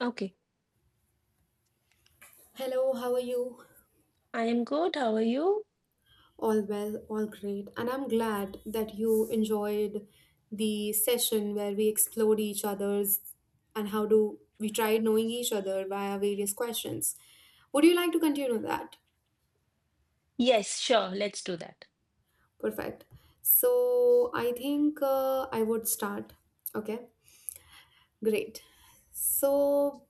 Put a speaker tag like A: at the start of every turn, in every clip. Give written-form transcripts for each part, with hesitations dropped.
A: Okay.
B: Hello, how are you?
A: I am good. How are you?
B: All well, all great. And I'm glad that you enjoyed the session where we explored each other's and how do we tried knowing each other via various questions. Would you like to continue that?
A: Yes, sure. Let's do that.
B: Perfect. So I think I would start. Okay, great. So,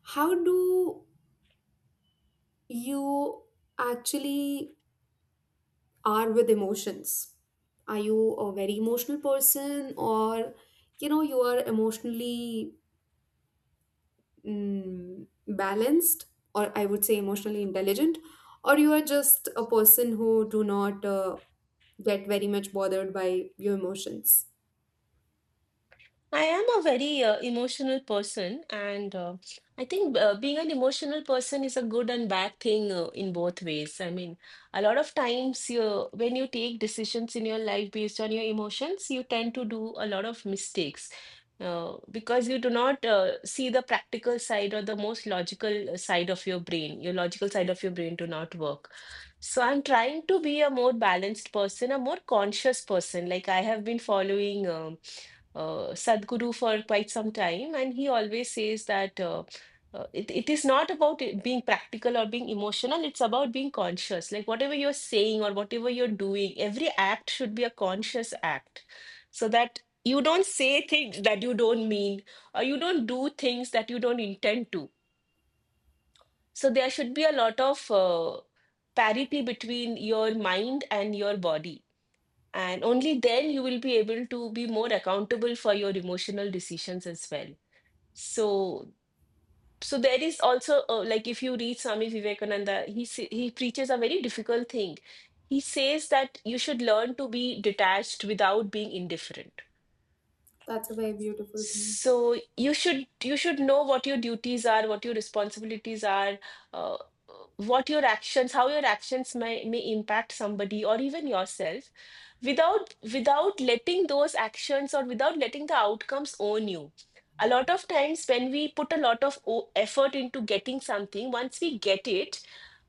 B: how do you actually are with emotions. Are you a very emotional person or you know you are emotionally balanced, or I would say emotionally intelligent, or you are just a person who do not get very much bothered by your emotions.
A: I am a very emotional person, and I think being an emotional person is a good and bad thing in both ways. I mean, a lot of times when you take decisions in your life based on your emotions, you tend to do a lot of mistakes because you do not see the practical side or the most logical side of your brain. Your logical side of your brain do not work. So I'm trying to be a more balanced person, a more conscious person. Like I have been following. Sadhguru for quite some time, and he always says that it is not about it being practical or being emotional, it's about being conscious. Like whatever you're saying or whatever you're doing, every act should be a conscious act so that you don't say things that you don't mean or you don't do things that you don't intend to. So there should be a lot of parity between your mind and your body, and only then you will be able to be more accountable for your emotional decisions as well. So, so there is also like if you read Swami Vivekananda, he preaches a very difficult thing. He says that you should learn to be detached without being indifferent.
B: That's a very beautiful thing.
A: So you should know what your duties are, what your responsibilities are, uh, what your actions, how your actions may impact somebody or even yourself, without letting those actions or without letting the outcomes own you. A lot of times when we put a lot of effort into getting something, once we get it,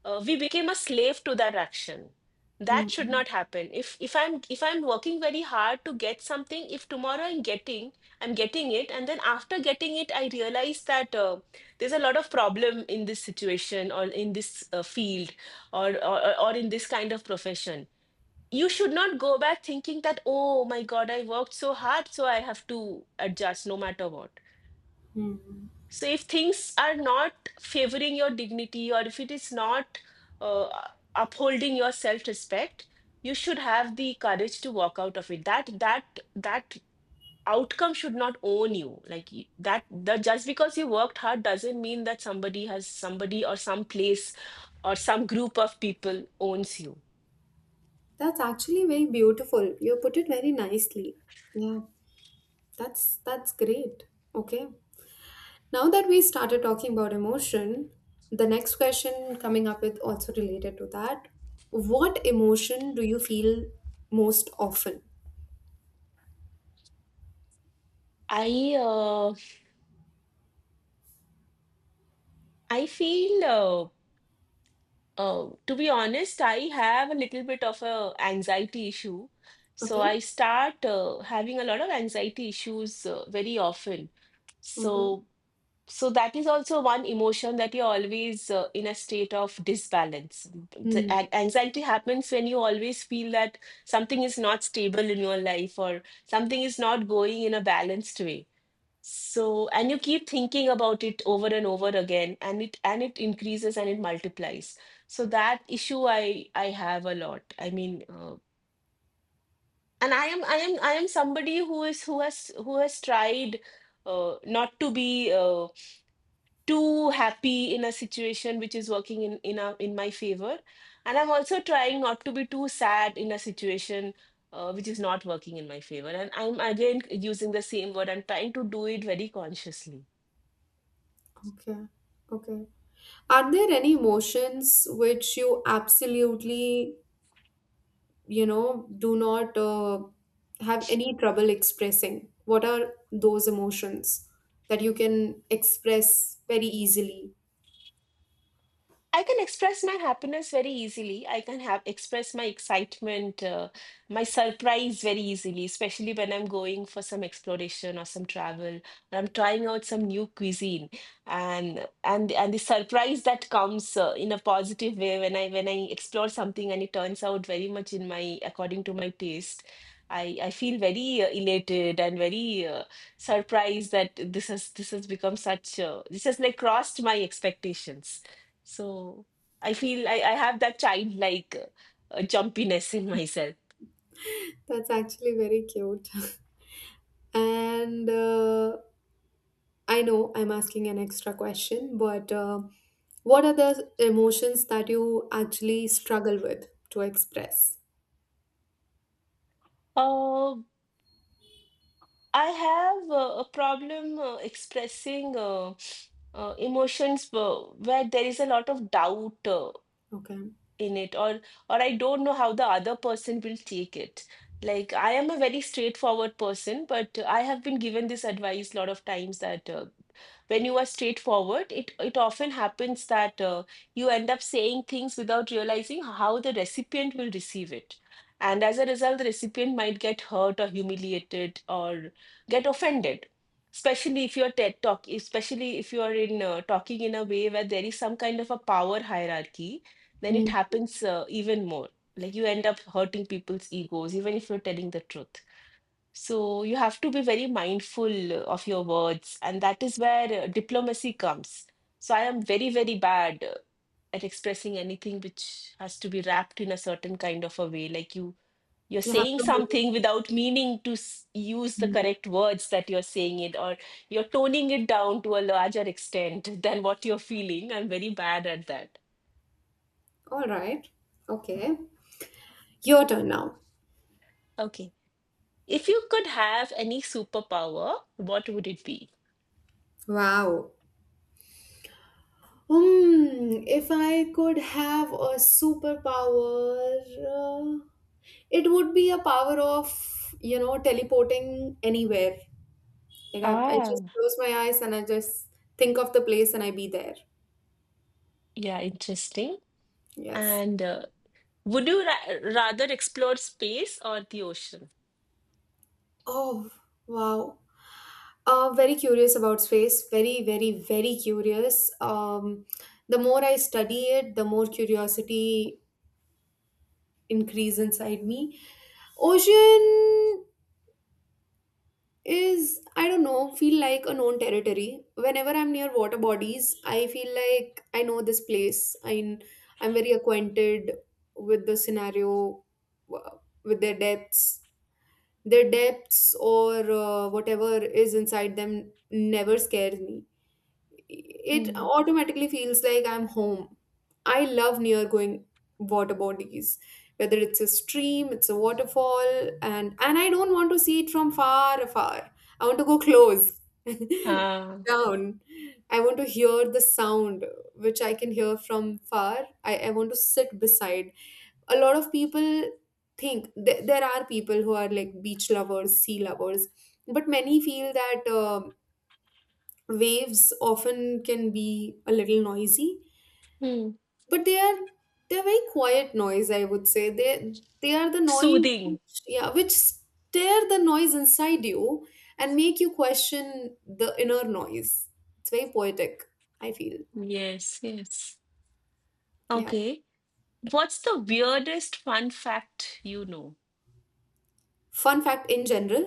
A: we became a slave to that action.
B: Hmm.
A: That should not happen. If I'm working very hard to get something, if tomorrow I'm getting it, and then after getting it I realize that there's a lot of problem in this situation or in this field, or in this kind of profession, you should not go back thinking that, oh my god, I worked so hard so I have to adjust no matter what.
B: Hmm.
A: So if things are not favoring your dignity, or if it is not uh, upholding your self respect, you should have the courage to walk out of it. That outcome should not own you. Like y- that the just because you worked hard doesn't mean that somebody has somebody or some place or some group of people owns you.
B: That's actually very beautiful. You put it very nicely. Yeah, that's great. Okay. Now that we started talking about emotion, the next question coming up with also related to that. What emotion do you feel most often?
A: i uh, I feel oh, to be honest, I have a little bit of a anxiety issue. So
B: Okay.
A: I start having a lot of anxiety issues very often.
B: Okay.
A: So so that is also one emotion, that you're always in a state of disbalance. The
B: Hmm.
A: an- anxiety happens when you always feel that something is not stable in your life, or something is not going in a balanced way. So, and you keep thinking about it over and over again, and it increases and it multiplies. So that issue I have a lot. I mean, and I am somebody who has tried not to be too happy in a situation which is working in my favor, and I'm also trying not to be too sad in a situation. Which is not working in my favor. And I'm again using the same word. I'm trying to do it very consciously.
B: Okay. Okay. Are there any emotions which you absolutely, you know, do not have any trouble expressing? What are those emotions that you can express very easily?
A: I can express my happiness very easily. I can have express my excitement, my surprise very easily, especially when I'm going for some exploration or some travel, or I'm trying out some new cuisine, and the surprise that comes in a positive way when I explore something and it turns out very much in my according to my taste. I feel very elated and very surprised that this has become such this has like crossed my expectations. So I feel I have that childlike jumpiness in myself.
B: That's actually very cute. And I know I'm asking an extra question, but what are the emotions that you actually struggle with to express?
A: Uh, I have a problem expressing emotions where there is a lot of doubt.
B: Okay.
A: In it, or I don't know how the other person will take it. Like I am a very straightforward person, but I have been given this advice a lot of times that when you are straightforward, it often happens that you end up saying things without realizing how the recipient will receive it. And as a result, the recipient might get hurt or humiliated or get offended. Especially if you're TED talk, especially if you are in talking in a way where there is some kind of a power hierarchy, then
B: Hmm.
A: it happens even more. Like you end up hurting people's egos, even if you're telling the truth. So you have to be very mindful of your words, and that is where diplomacy comes. So I am very, very bad at expressing anything which has to be wrapped in a certain kind of a way. Like you, you're
B: You have
A: saying
B: to.
A: something without meaning to use the
B: Hmm.
A: correct words that you're saying it, or you're toning it down to a larger extent than what you're feeling. I'm very bad at that.
B: All right. Okay. Your turn now.
A: Okay. If you could have any superpower, what would it be?
B: Wow. Hmm. If I could have a superpower, uh, it would be a power of, you know, teleporting anywhere. Like I just
A: Ah,
B: close my eyes and I just think of the place and I be there.
A: yeah, interesting.
B: Yes.
A: And would you ra rather explore space or the ocean?
B: Oh, wow. Very curious about space. Very, very, very curious. The more I study it, the more curiosity increase inside me. Ocean is, I don't know, feel like a known territory. Whenever I'm near water bodies, I feel like I know this place. I'm very acquainted with the scenario, with their depths. Their depths or whatever is inside them never scares me, it
A: Hmm.
B: automatically feels like I'm home. I love near going water bodies, whether it's a stream, it's a waterfall, and I don't want to see it from far afar. I want to go close
A: Ah,
B: down. I want to hear the sound which I can hear from far. I want to sit beside. A lot of people think there are people who are like beach lovers, sea lovers, but many feel that. Waves often can be a little noisy,
A: hmm.
B: but they're very quiet noise, I would say they are the noise
A: Soothing.
B: which, yeah, which stir the noise inside you and make you question the inner noise. It's very poetic, I feel.
A: Yes, yes.
B: Yeah.
A: Okay. What's the weirdest fun fact you know
B: Fun fact in general.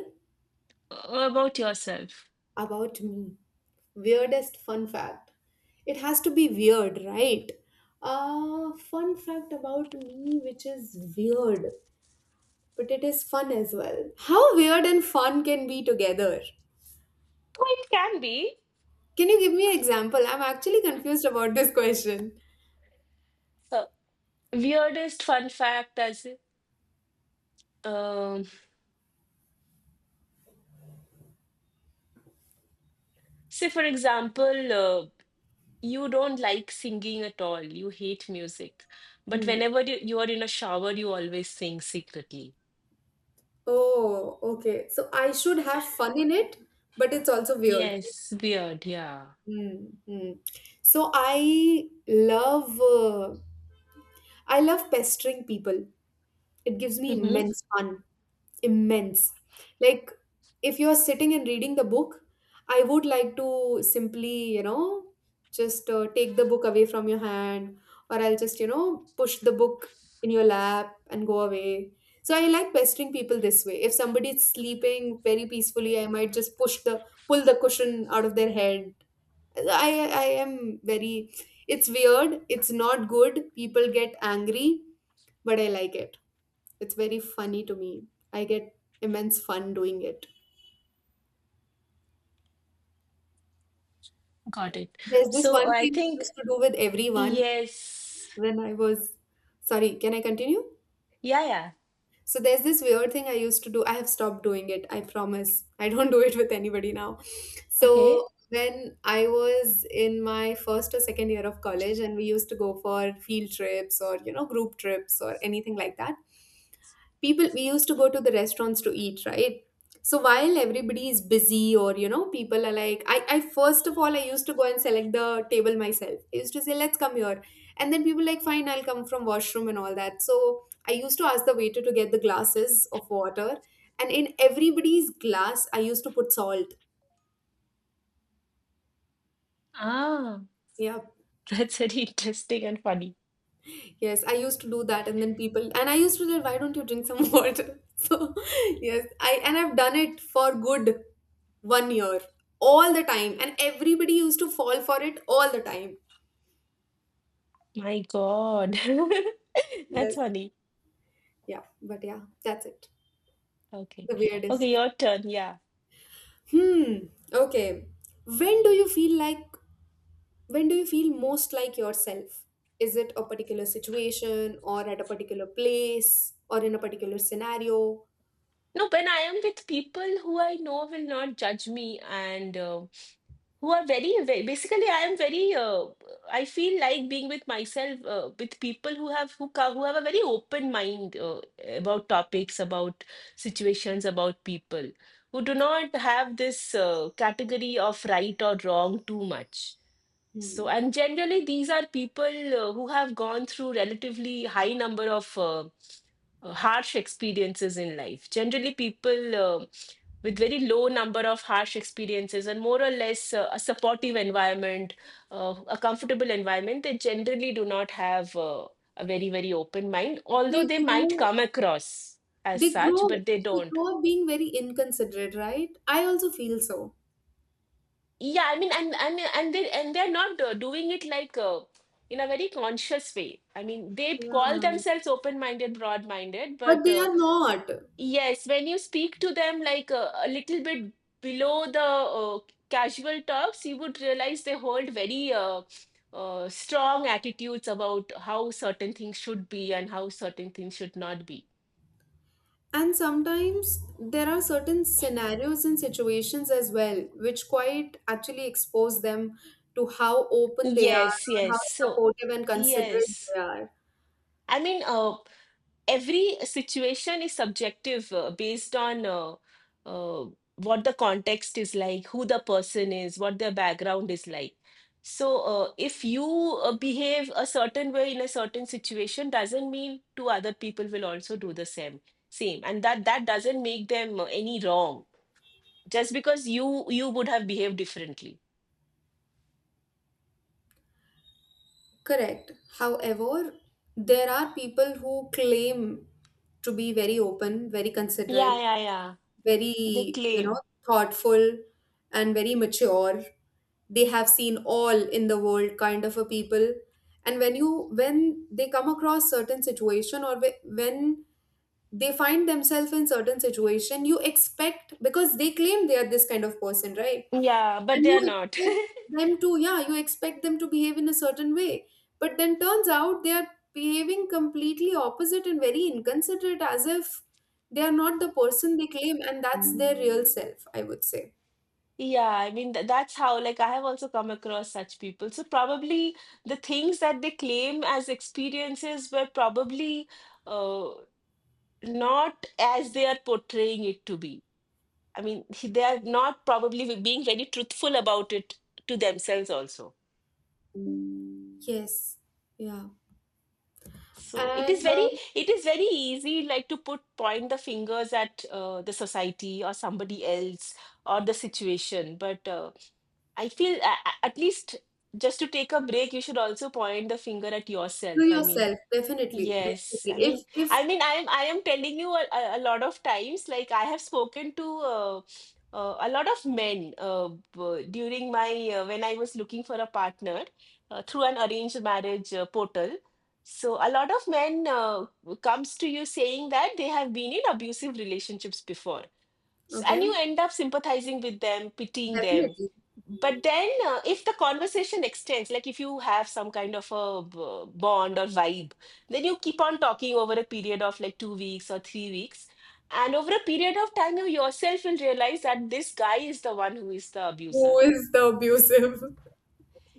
A: about yourself?
B: About me, weirdest fun fact. It has to be weird, right? Uh, fun fact about me which is weird, but it is fun as well. How weird and fun can be together?
A: Oh, it can be.
B: Can you give me an example? I'm actually confused about this question.
A: Uh, weirdest fun fact as um, say for example, you don't like singing at all. You hate music. But
B: Hmm.
A: whenever you are in a shower, you always sing secretly.
B: Oh, okay. So I should have fun in it, but it's also weird.
A: Yes, weird. Yeah.
B: Mm-hmm. So I love pestering people. It gives me
A: Mm-hmm.
B: immense fun. Immense. Like, if you are sitting and reading the book, I would like to simply, you know, just take the book away from your hand, or I'll just, you know, push the book in your lap and go away. So I like pestering people this way. If somebody is sleeping very peacefully, I might just push the pull the cushion out of their head. I am very. It's weird. It's not good. People get angry, but I like it. It's very funny to me. I get immense fun doing it.
A: Got it.
B: There's this
A: So
B: one
A: I
B: thing I used
A: think,
B: to do with everyone
A: yes.
B: when I was. Sorry, can I continue?
A: Yeah, yeah.
B: So there's this weird thing I used to do. I have stopped doing it, I promise. I don't do it with anybody now.
A: Okay.
B: So when I was in my first or second year of college, and we used to go for field trips or, you know, group trips or anything like that, people, we used to go to the restaurants to eat, right? So while everybody is busy, or you know, people are like, I first of all, I used to go and select the table myself. I used to say, let's come here. And then people like, fine, I'll come from washroom and all that. So I used to ask the waiter to get the glasses of water, and in everybody's glass I used to put salt.
A: Ah,
B: Yeah.
A: that's very interesting and funny.
B: Yes, I used to do that, and then people, and I used to say, why don't you drink some water? So yes, I and I've done it for good 1 year, all the time, and everybody used to fall for it all the time.
A: My God. That's
B: Yes.
A: funny.
B: Yeah, but yeah, that's it.
A: Okay.
B: The
A: Okay,
B: weirdest.
A: your turn. Yeah.
B: Hmm. Okay. When do you feel like, when do you feel most like yourself? Is it a particular situation or at a particular place or in a particular scenario?
A: No, when I am with people who I know will not judge me, and who are very, very basically I am very I feel like being with myself with people who who have a very open mind about topics, about situations, about people, who do not have this category of right or wrong too much. So
B: Hmm.
A: and generally these are people who have gone through relatively high number of harsh experiences in life. Generally, people with very low number of harsh experiences and more or less a supportive environment, a comfortable environment, they generally do not have a very, very open mind, although
B: They
A: they might
B: grow,
A: come across as
B: they
A: such,
B: grow
A: but they
B: they
A: don't.
B: grow up being very inconsiderate, right? I also feel so.
A: Yeah, I mean, and they and they're not doing it like in a very conscious way. I mean, they call
B: Yeah,
A: themselves open-minded, broad-minded,
B: but
A: but
B: they are not.
A: yes, when you speak to them like a little bit below the casual talks, you would realize they hold very strong attitudes about how certain things should be and how certain things should not be.
B: And sometimes there are certain scenarios and situations as well, which quite actually expose them to how open they are
A: Yes,
B: or how
A: yes. So,
B: supportive and considerate
A: yes.
B: they are.
A: I mean, every situation is subjective based on uh, what the context is like, who the person is, what their background is like. So, if you behave a certain way in a certain situation, doesn't mean two other people will also do the same. Same, and that doesn't make them any wrong just because you would have behaved differently.
B: Correct. However, there are people who claim to be very open, very
A: Yeah,
B: considerate,
A: yeah, yeah. They
B: very, you know,
A: claim.
B: thoughtful and very mature. They have seen all in the world kind of a people. And when they come across certain situation, or when they find themselves in certain situation, you expect, because they claim they are this kind of person, right?
A: Yeah, but
B: And
A: they
B: you
A: are not.
B: expect them to, yeah, you expect them to behave in a certain way, but then turns out they are behaving completely opposite and very inconsiderate, as if they are not the person they claim, and that's their real self, I would say.
A: Yeah, I mean, th that's how, like, I have also come across such people. So, probably the things that they claim as experiences were probably uh, not as they are portraying it to be. I mean, they are not probably being very truthful about it to themselves also.
B: Yes. Yeah.
A: So,
B: And
A: it is very easy, like, to put point the fingers at the society or somebody else or the situation. But I feel at least just to take a break, you should also point the finger at
B: to
A: yourself.
B: yourself, definitely,
A: Yes.
B: definitely,
A: I
B: if
A: mean,
B: if
A: I am telling you a lot of times. Like I have spoken to a lot of men during my when I was looking for a partner through an arranged marriage portal. So a lot of men comes to you saying that they have been in abusive relationships before. And
B: okay,
A: you end up sympathizing with them, pitying them.
B: definitely.
A: But then if the conversation extends, like if you have some kind of a bond or vibe, then you keep on talking over a period of like 2 weeks or 3 weeks, and over a period of time you yourself will realize that this guy is the one who is the
B: Who
A: abuser.
B: is the abusive?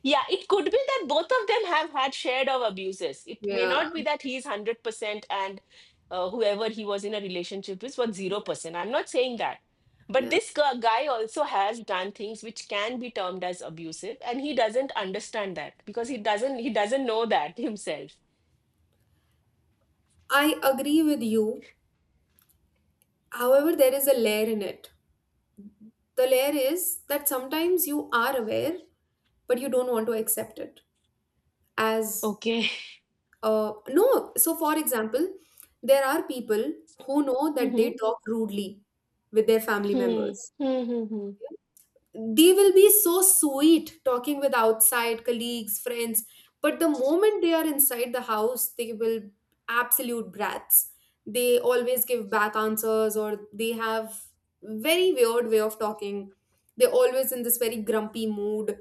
A: Yeah, it could be that both of them have had shared of abuses. It may
B: Yeah,
A: not be that he's 100% and whoever he was in a relationship with was 0%. I'm not saying that. But
B: yeah,
A: this guy also has done things which can be termed as abusive, and he doesn't understand that because he doesn't know that himself.
B: I agree with you. However, there is a layer in it. The layer is that sometimes you are aware, but you don't want to accept it as
A: Okay.
B: no. So for example, there are people who know that they
A: Mhm.
B: talk rudely with their family
A: Hmm.
B: members.
A: Hmm, hmm, hmm.
B: They will be so sweet talking with outside colleagues, friends, but the moment they are inside the house, they will absolute brats. They always give back answers, or they have very weird way of talking. They're always in this very grumpy mood.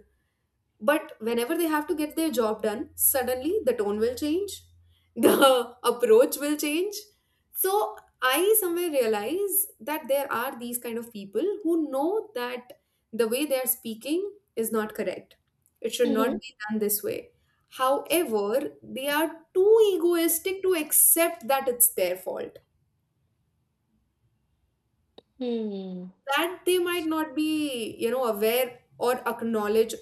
B: But whenever they have to get their job done, suddenly the tone will change, the approach will change. So I somewhere realize that there are these kind of people who know that the way they are speaking is not correct. It should not
A: Mhm.
B: be done this way. However, they are too egoistic to accept that it's their fault.
A: Hmm.
B: That they might not be, you know, aware or acknowledge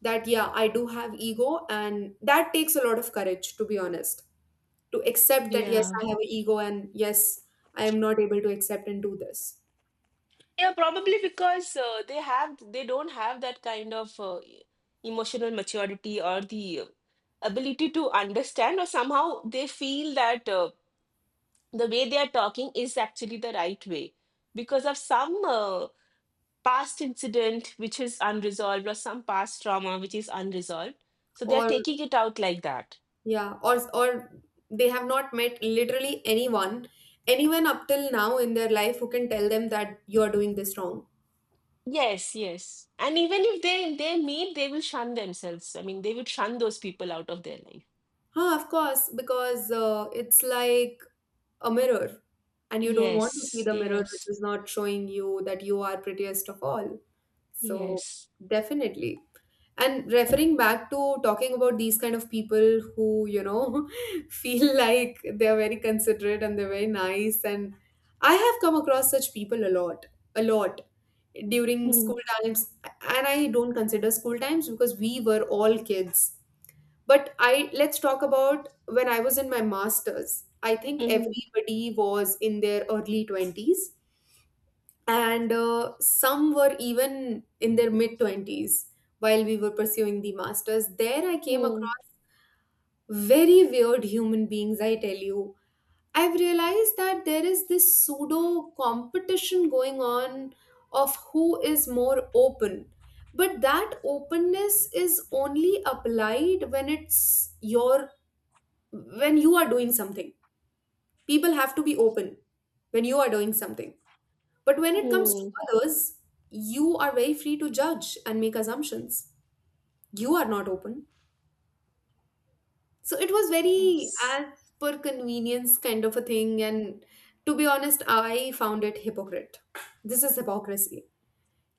B: that, yeah, I do have ego, and that takes a lot of courage, to be honest, to accept that yes, I
A: Yeah.
B: have an ego, and yes, I am not able to accept and do this.
A: Yeah, probably because they don't have that kind of emotional maturity, or the ability to understand, or somehow they feel that the way they are talking is actually the right way because of some past incident which is unresolved, or some past trauma which is unresolved. So they are
B: Or
A: taking it out like that.
B: yeah, or they have not met literally anyone, anyone up till now in their life who can tell them that you are doing this wrong.
A: Yes, yes. And even if they meet, they will shun themselves. I mean, they will shun those people out of their life.
B: Huh, of course, because it's like a mirror, and you don't want to see
A: Yes,
B: the mirror which
A: yes.
B: is not showing you that you are prettiest of all. So
A: Yes.
B: definitely. And referring back to talking about these kind of people who, you know, feel like they're very considerate and they're very nice, and I have come across such people a lot. A lot, during
A: Mm,
B: school times. And I don't consider school times because we were all kids. But I, let's talk about when I was in my masters. I think
A: mm,
B: everybody was in their early 20s, and some were even in their mid 20s while we were pursuing the masters. There I came
A: mm,
B: across very weird human beings, I tell you. I've realized that there is this pseudo competition going on of who is more open. But that openness is only applied when it's your, when you are doing something. People have to be open when you are doing something. But when it comes to
A: mm.
B: others, you are very free to judge and make assumptions. You are not open. So it was very
A: Yes.
B: as per convenience kind of a thing. And to be honest, I found it hypocrite. This is hypocrisy.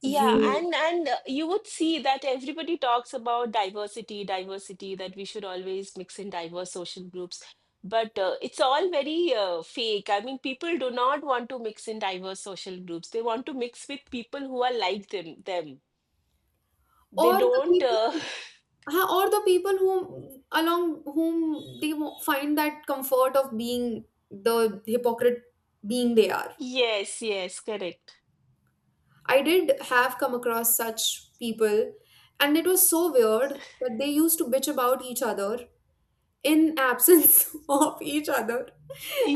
A: Yeah,
B: You,
A: and you would see that everybody talks about diversity, diversity, that we should always mix in diverse social groups. But it's all very fake. I mean, people do not want to mix in diverse social groups. They want to mix with people who are like them. They
B: or the
A: don't
B: people, huh, or the people whom along whom they find that comfort of being the hypocrite being they are.
A: yes, yes, correct.
B: I did have come across such people, and it was so weird that they used to bitch about each other in absence of each other.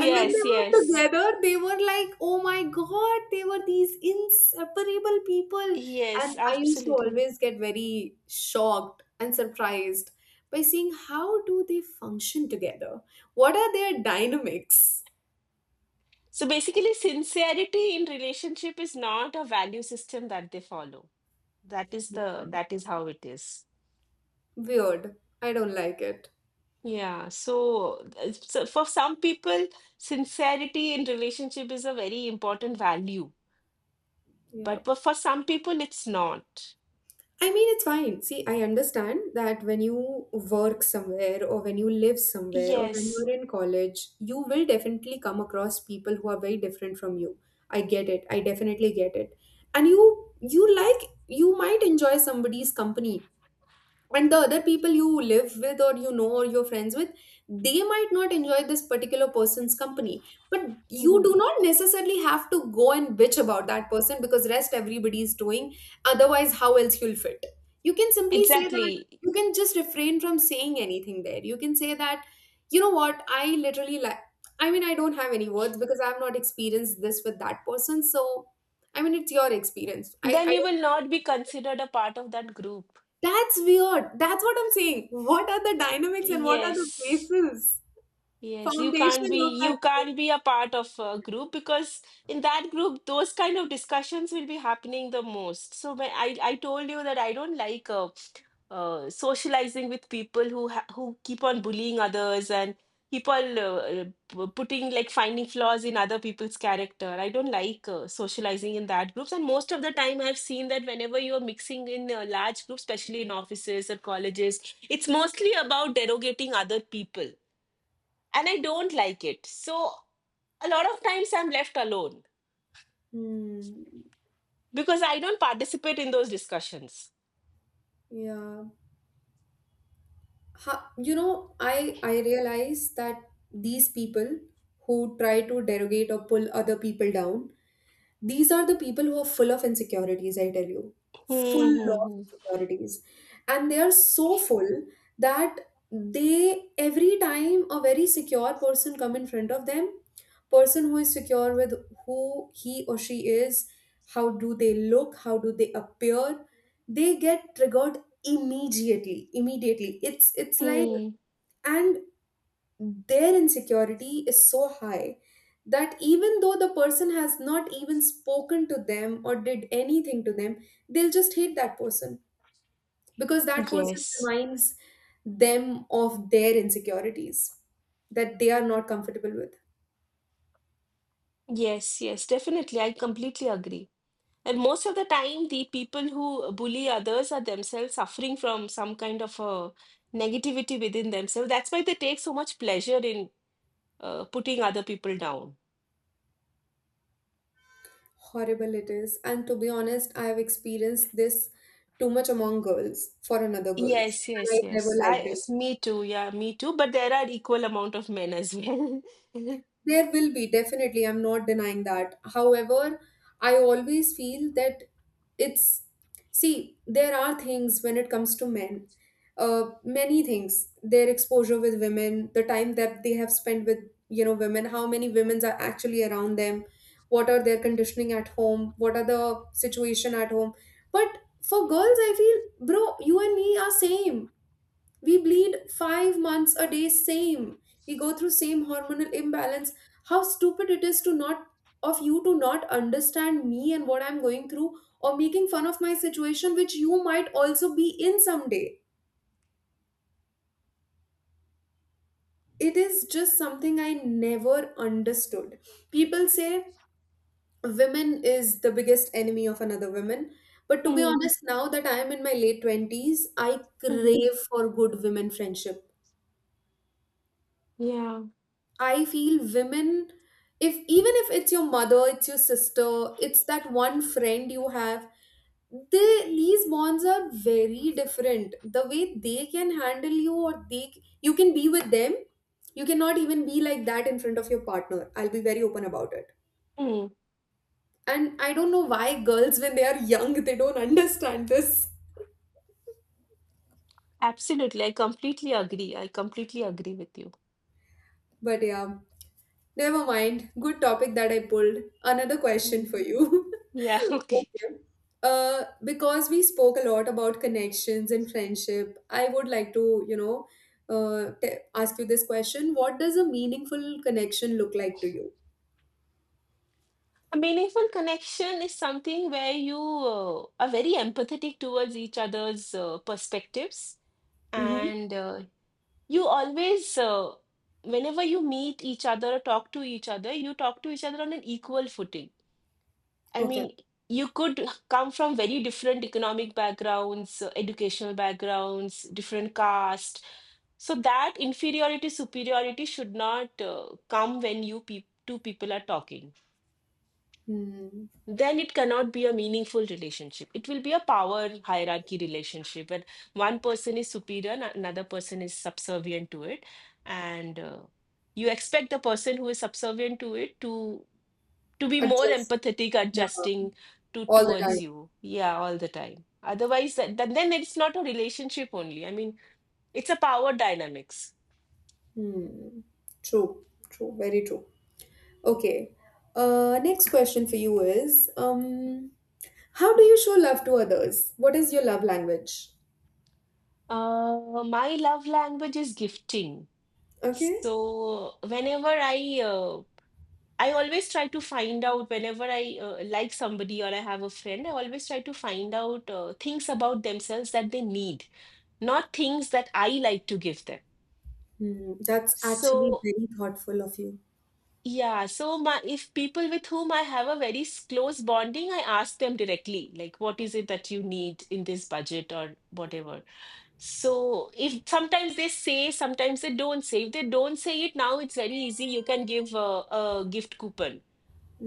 B: And when they were
A: yes.
B: together, they were like, oh my god, they were these inseparable people.
A: Yes,
B: And I used to
A: absolutely.
B: always get very shocked and surprised by seeing how do they function together? What are their dynamics?
A: So basically, sincerity in relationship is not a value system that they follow. That is how it is.
B: Weird. I don't like it.
A: Yeah. So, so for some people, sincerity in relationship is a very important value,
B: Yeah.
A: but for some people, it's not.
B: I mean, it's fine. See, I understand that when you work somewhere or when you live somewhere or when you're
A: Yes.
B: in college, you will definitely come across people who are very different from you. I get it. I definitely get it. And you like you might enjoy somebody's company, and the other people you live with or you know or you're friends with, they might not enjoy this particular person's company, but you
A: Mhm.
B: do not necessarily have to go and bitch about that person because rest everybody is doing. Otherwise how else you'll fit, you can simply say that,
A: Exactly.
B: you can just refrain from saying anything there. You can say that, you know what, I literally like, I mean, I don't have any words because I have not experienced this with that person. So I mean it's your experience, i
A: Then
B: i
A: you
B: don't.
A: will not be considered a part of that group.
B: That's weird. That's what I'm saying. What are the dynamics and what are the
A: Yes.
B: bases,
A: Yes, you can't
B: foundation
A: be
B: of that
A: you
B: group?
A: can't be a part of a group, because in that group those kind of discussions will be happening the most. So when I told you that I don't like socializing with people who keep on bullying others and keep on putting, like, finding flaws in other people's character. I don't like socializing in that groups. And most of the time I've seen that whenever you're mixing in large groups, especially in offices or colleges, it's mostly about derogating other people, and I don't like it. So a lot of times I'm left alone
B: Hmm.
A: because I don't participate in those discussions.
B: Yeah. Ha, you know, I realize that these people who try to derogate or pull other people down, these are the people who are full of insecurities, I tell you. Full of
A: Mm-hmm.
B: insecurities. And they are so full that they, every time a very secure person come in front of them, person who is secure with who he or she is, how do they look, how do they appear, they get triggered immediately, immediately. It's like.
A: Mm.
B: And their insecurity is so high that even though the person has not even spoken to them or did anything to them, they'll just hate that person because that person
A: Yes,
B: reminds them of their insecurities that they are not comfortable with.
A: yes, yes, definitely. I completely agree. And most of the time, the people who bully others are themselves suffering from some kind of a negativity within themselves. That's why they take so much pleasure in putting other people down.
B: Horrible it is. And to be honest, I have experienced this too much among girls for another girls.
A: Yes,
B: And I
A: yes,
B: never
A: yes.
B: liked
A: I,
B: it.
A: it's me too. Yeah, me too. But there are equal amount of men as well.
B: There will be, definitely. I'm not denying that. However, I always feel that it's, see, there are things when it comes to men, many things, their exposure with women, the time that they have spent with, you know, women, how many women are actually around them, what are their conditioning at home, what are the situation at home. But for girls, I feel, bro, you and me are same, we bleed 5 months a day same, we go through same hormonal imbalance. How stupid it is to not, of you to not understand me and what I'm going through, or making fun of my situation which you might also be in someday. It is just something I never understood. People say women is the biggest enemy of another woman, but to be
A: Mm,
B: honest, now that I am in my late 20s, I
A: hmm.
B: crave for good women friendship.
A: Yeah.
B: I feel women, if even if it's your mother, it's your sister, it's that one friend you have, they these bonds are very different. The way they can handle you, or they you can be with them, you cannot even be like that in front of your partner. I'll be very open about it.
A: Mm,
B: And I don't know why girls, when they are young, they don't understand this.
A: absolutely. I completely agree. I completely agree with you.
B: But yeah. Never mind. Good topic that I pulled. Another question
A: Mm.
B: for you.
A: Yeah. Okay.
B: Okay. Because we spoke a lot about connections and friendship, I would like to, you know, ask you this question. What does a meaningful connection look like to you?
A: A meaningful connection is something where you are very empathetic towards each other's perspectives,
B: Mm-hmm.
A: and you always, whenever you meet each other or talk to each other, you talk to each other on an equal footing. I
B: Okay.
A: mean, you could come from very different economic backgrounds, educational backgrounds, different caste. So that inferiority, superiority should not come when you peop two people are talking.
B: Hmm.
A: Then it cannot be a meaningful relationship. It will be a power hierarchy relationship where one person is superior and another person is subservient to it, and you expect the person who is subservient to it to be more
B: Adjust.
A: empathetic,
B: Yeah.
A: adjusting to
B: All the time.
A: towards you. Yeah, all the time. Otherwise, that, then it's not a relationship only. I mean, it's a power dynamics.
B: Hmm. True. True. Very true. Okay. Next question for you is, how do you show love to others? What is your love language?
A: My love language is gifting.
B: Okay.
A: So whenever I always try to find out whenever I like somebody or I have a friend, I always try to find out things about themselves that they need, not things that I like to give them.
B: Hmm, that's actually
A: So
B: very thoughtful of you.
A: yeah, so my if people with whom I have a very close bonding, I ask them directly, like, what is it that you need in this budget or whatever. So if sometimes they say, sometimes they don't say. If they don't say it now, it's very easy. You can give a gift coupon.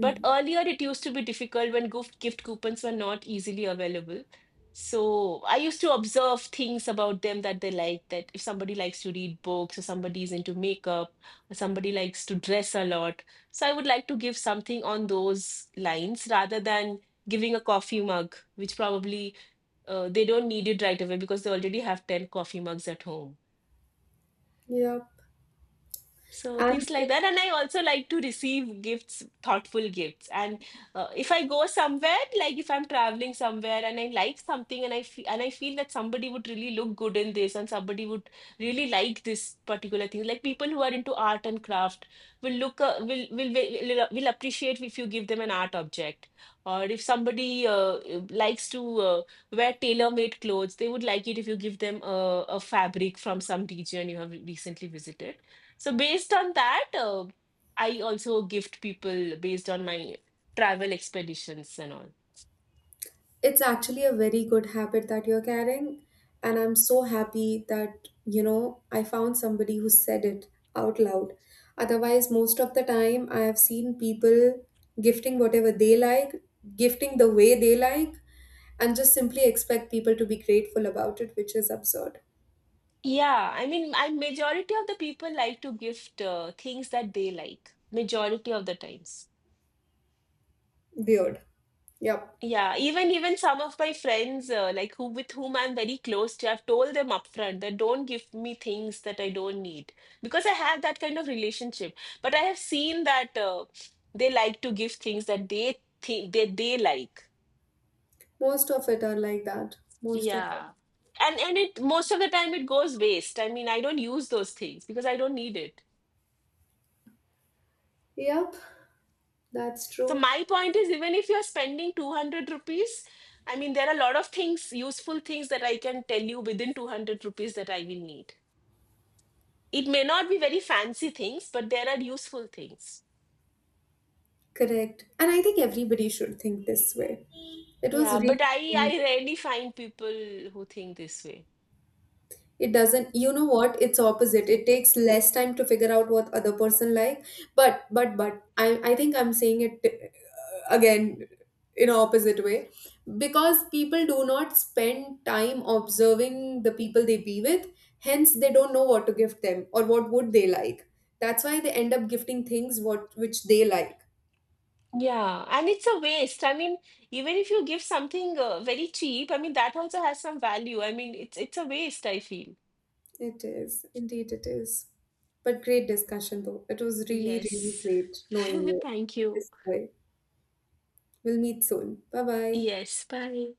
A: But earlier it used to be difficult when gift coupons were not easily available. So I used to observe things about them that they like. That if somebody likes to read books, or somebody is into makeup, or somebody likes to dress a lot. So I would like to give something on those lines rather than giving a coffee mug, which probably they don't need it right away because they already have 10 coffee mugs at home,
B: Yeah,
A: so
B: and
A: things like that. And I also like to receive gifts, thoughtful gifts. And if I go somewhere, like if I'm traveling somewhere and I like something and I feel that somebody would really look good in this and somebody would really like this particular thing. Like people who are into art and craft will look will appreciate if you give them an art object. Or if somebody likes to wear tailor-made clothes, they would like it if you give them a fabric from some region you have recently visited. So based on that, I also gift people based on my travel expeditions and all.
B: it's actually a very good habit that you're carrying. And I'm so happy that, you know, I found somebody who said it out loud. Otherwise, most of the time, I have seen people gifting whatever they like, gifting the way they like, and just simply expect people to be grateful about it, which is absurd.
A: Yeah, I mean, I majority of the people like to gift things that they like. Majority of the times.
B: Weird. Yep.
A: Yeah, even some of my friends, like who with whom I'm very close to, I've told them upfront that don't give me things that I don't need, because I have that kind of relationship. But I have seen that they like to give things that they think that they like.
B: Most of it are like that. Most of it.
A: Yeah. And it most of the time it goes waste. I mean, I don't use those things because I don't need it.
B: Yep. That's
A: So
B: true.
A: my point is even if you're spending 200 rupees, I mean, there are a lot of things, useful things that I can tell you within 200 rupees that I will need. It may not be very fancy things, but there are useful things.
B: Correct. And I think everybody should think this way. It was
A: Yeah, but I
B: really,
A: I rarely find people who think this way.
B: it doesn't, you know what? It's opposite. It takes less time to figure out what other person like. But I think I'm saying it again in an opposite way, because people do not spend time observing the people they be with. Hence, they don't know what to gift them or what would they like. That's why they end up gifting things what which they like.
A: Yeah, and it's a waste. I mean, even if you give something very cheap, I mean, that also has some value. I mean, it's a waste, I feel.
B: It is. Indeed, it is. But great discussion, though. It was really, really
A: Yes.
B: great knowing you
A: Thank you.
B: this way. We'll meet soon. Bye bye.
A: Yes. Bye.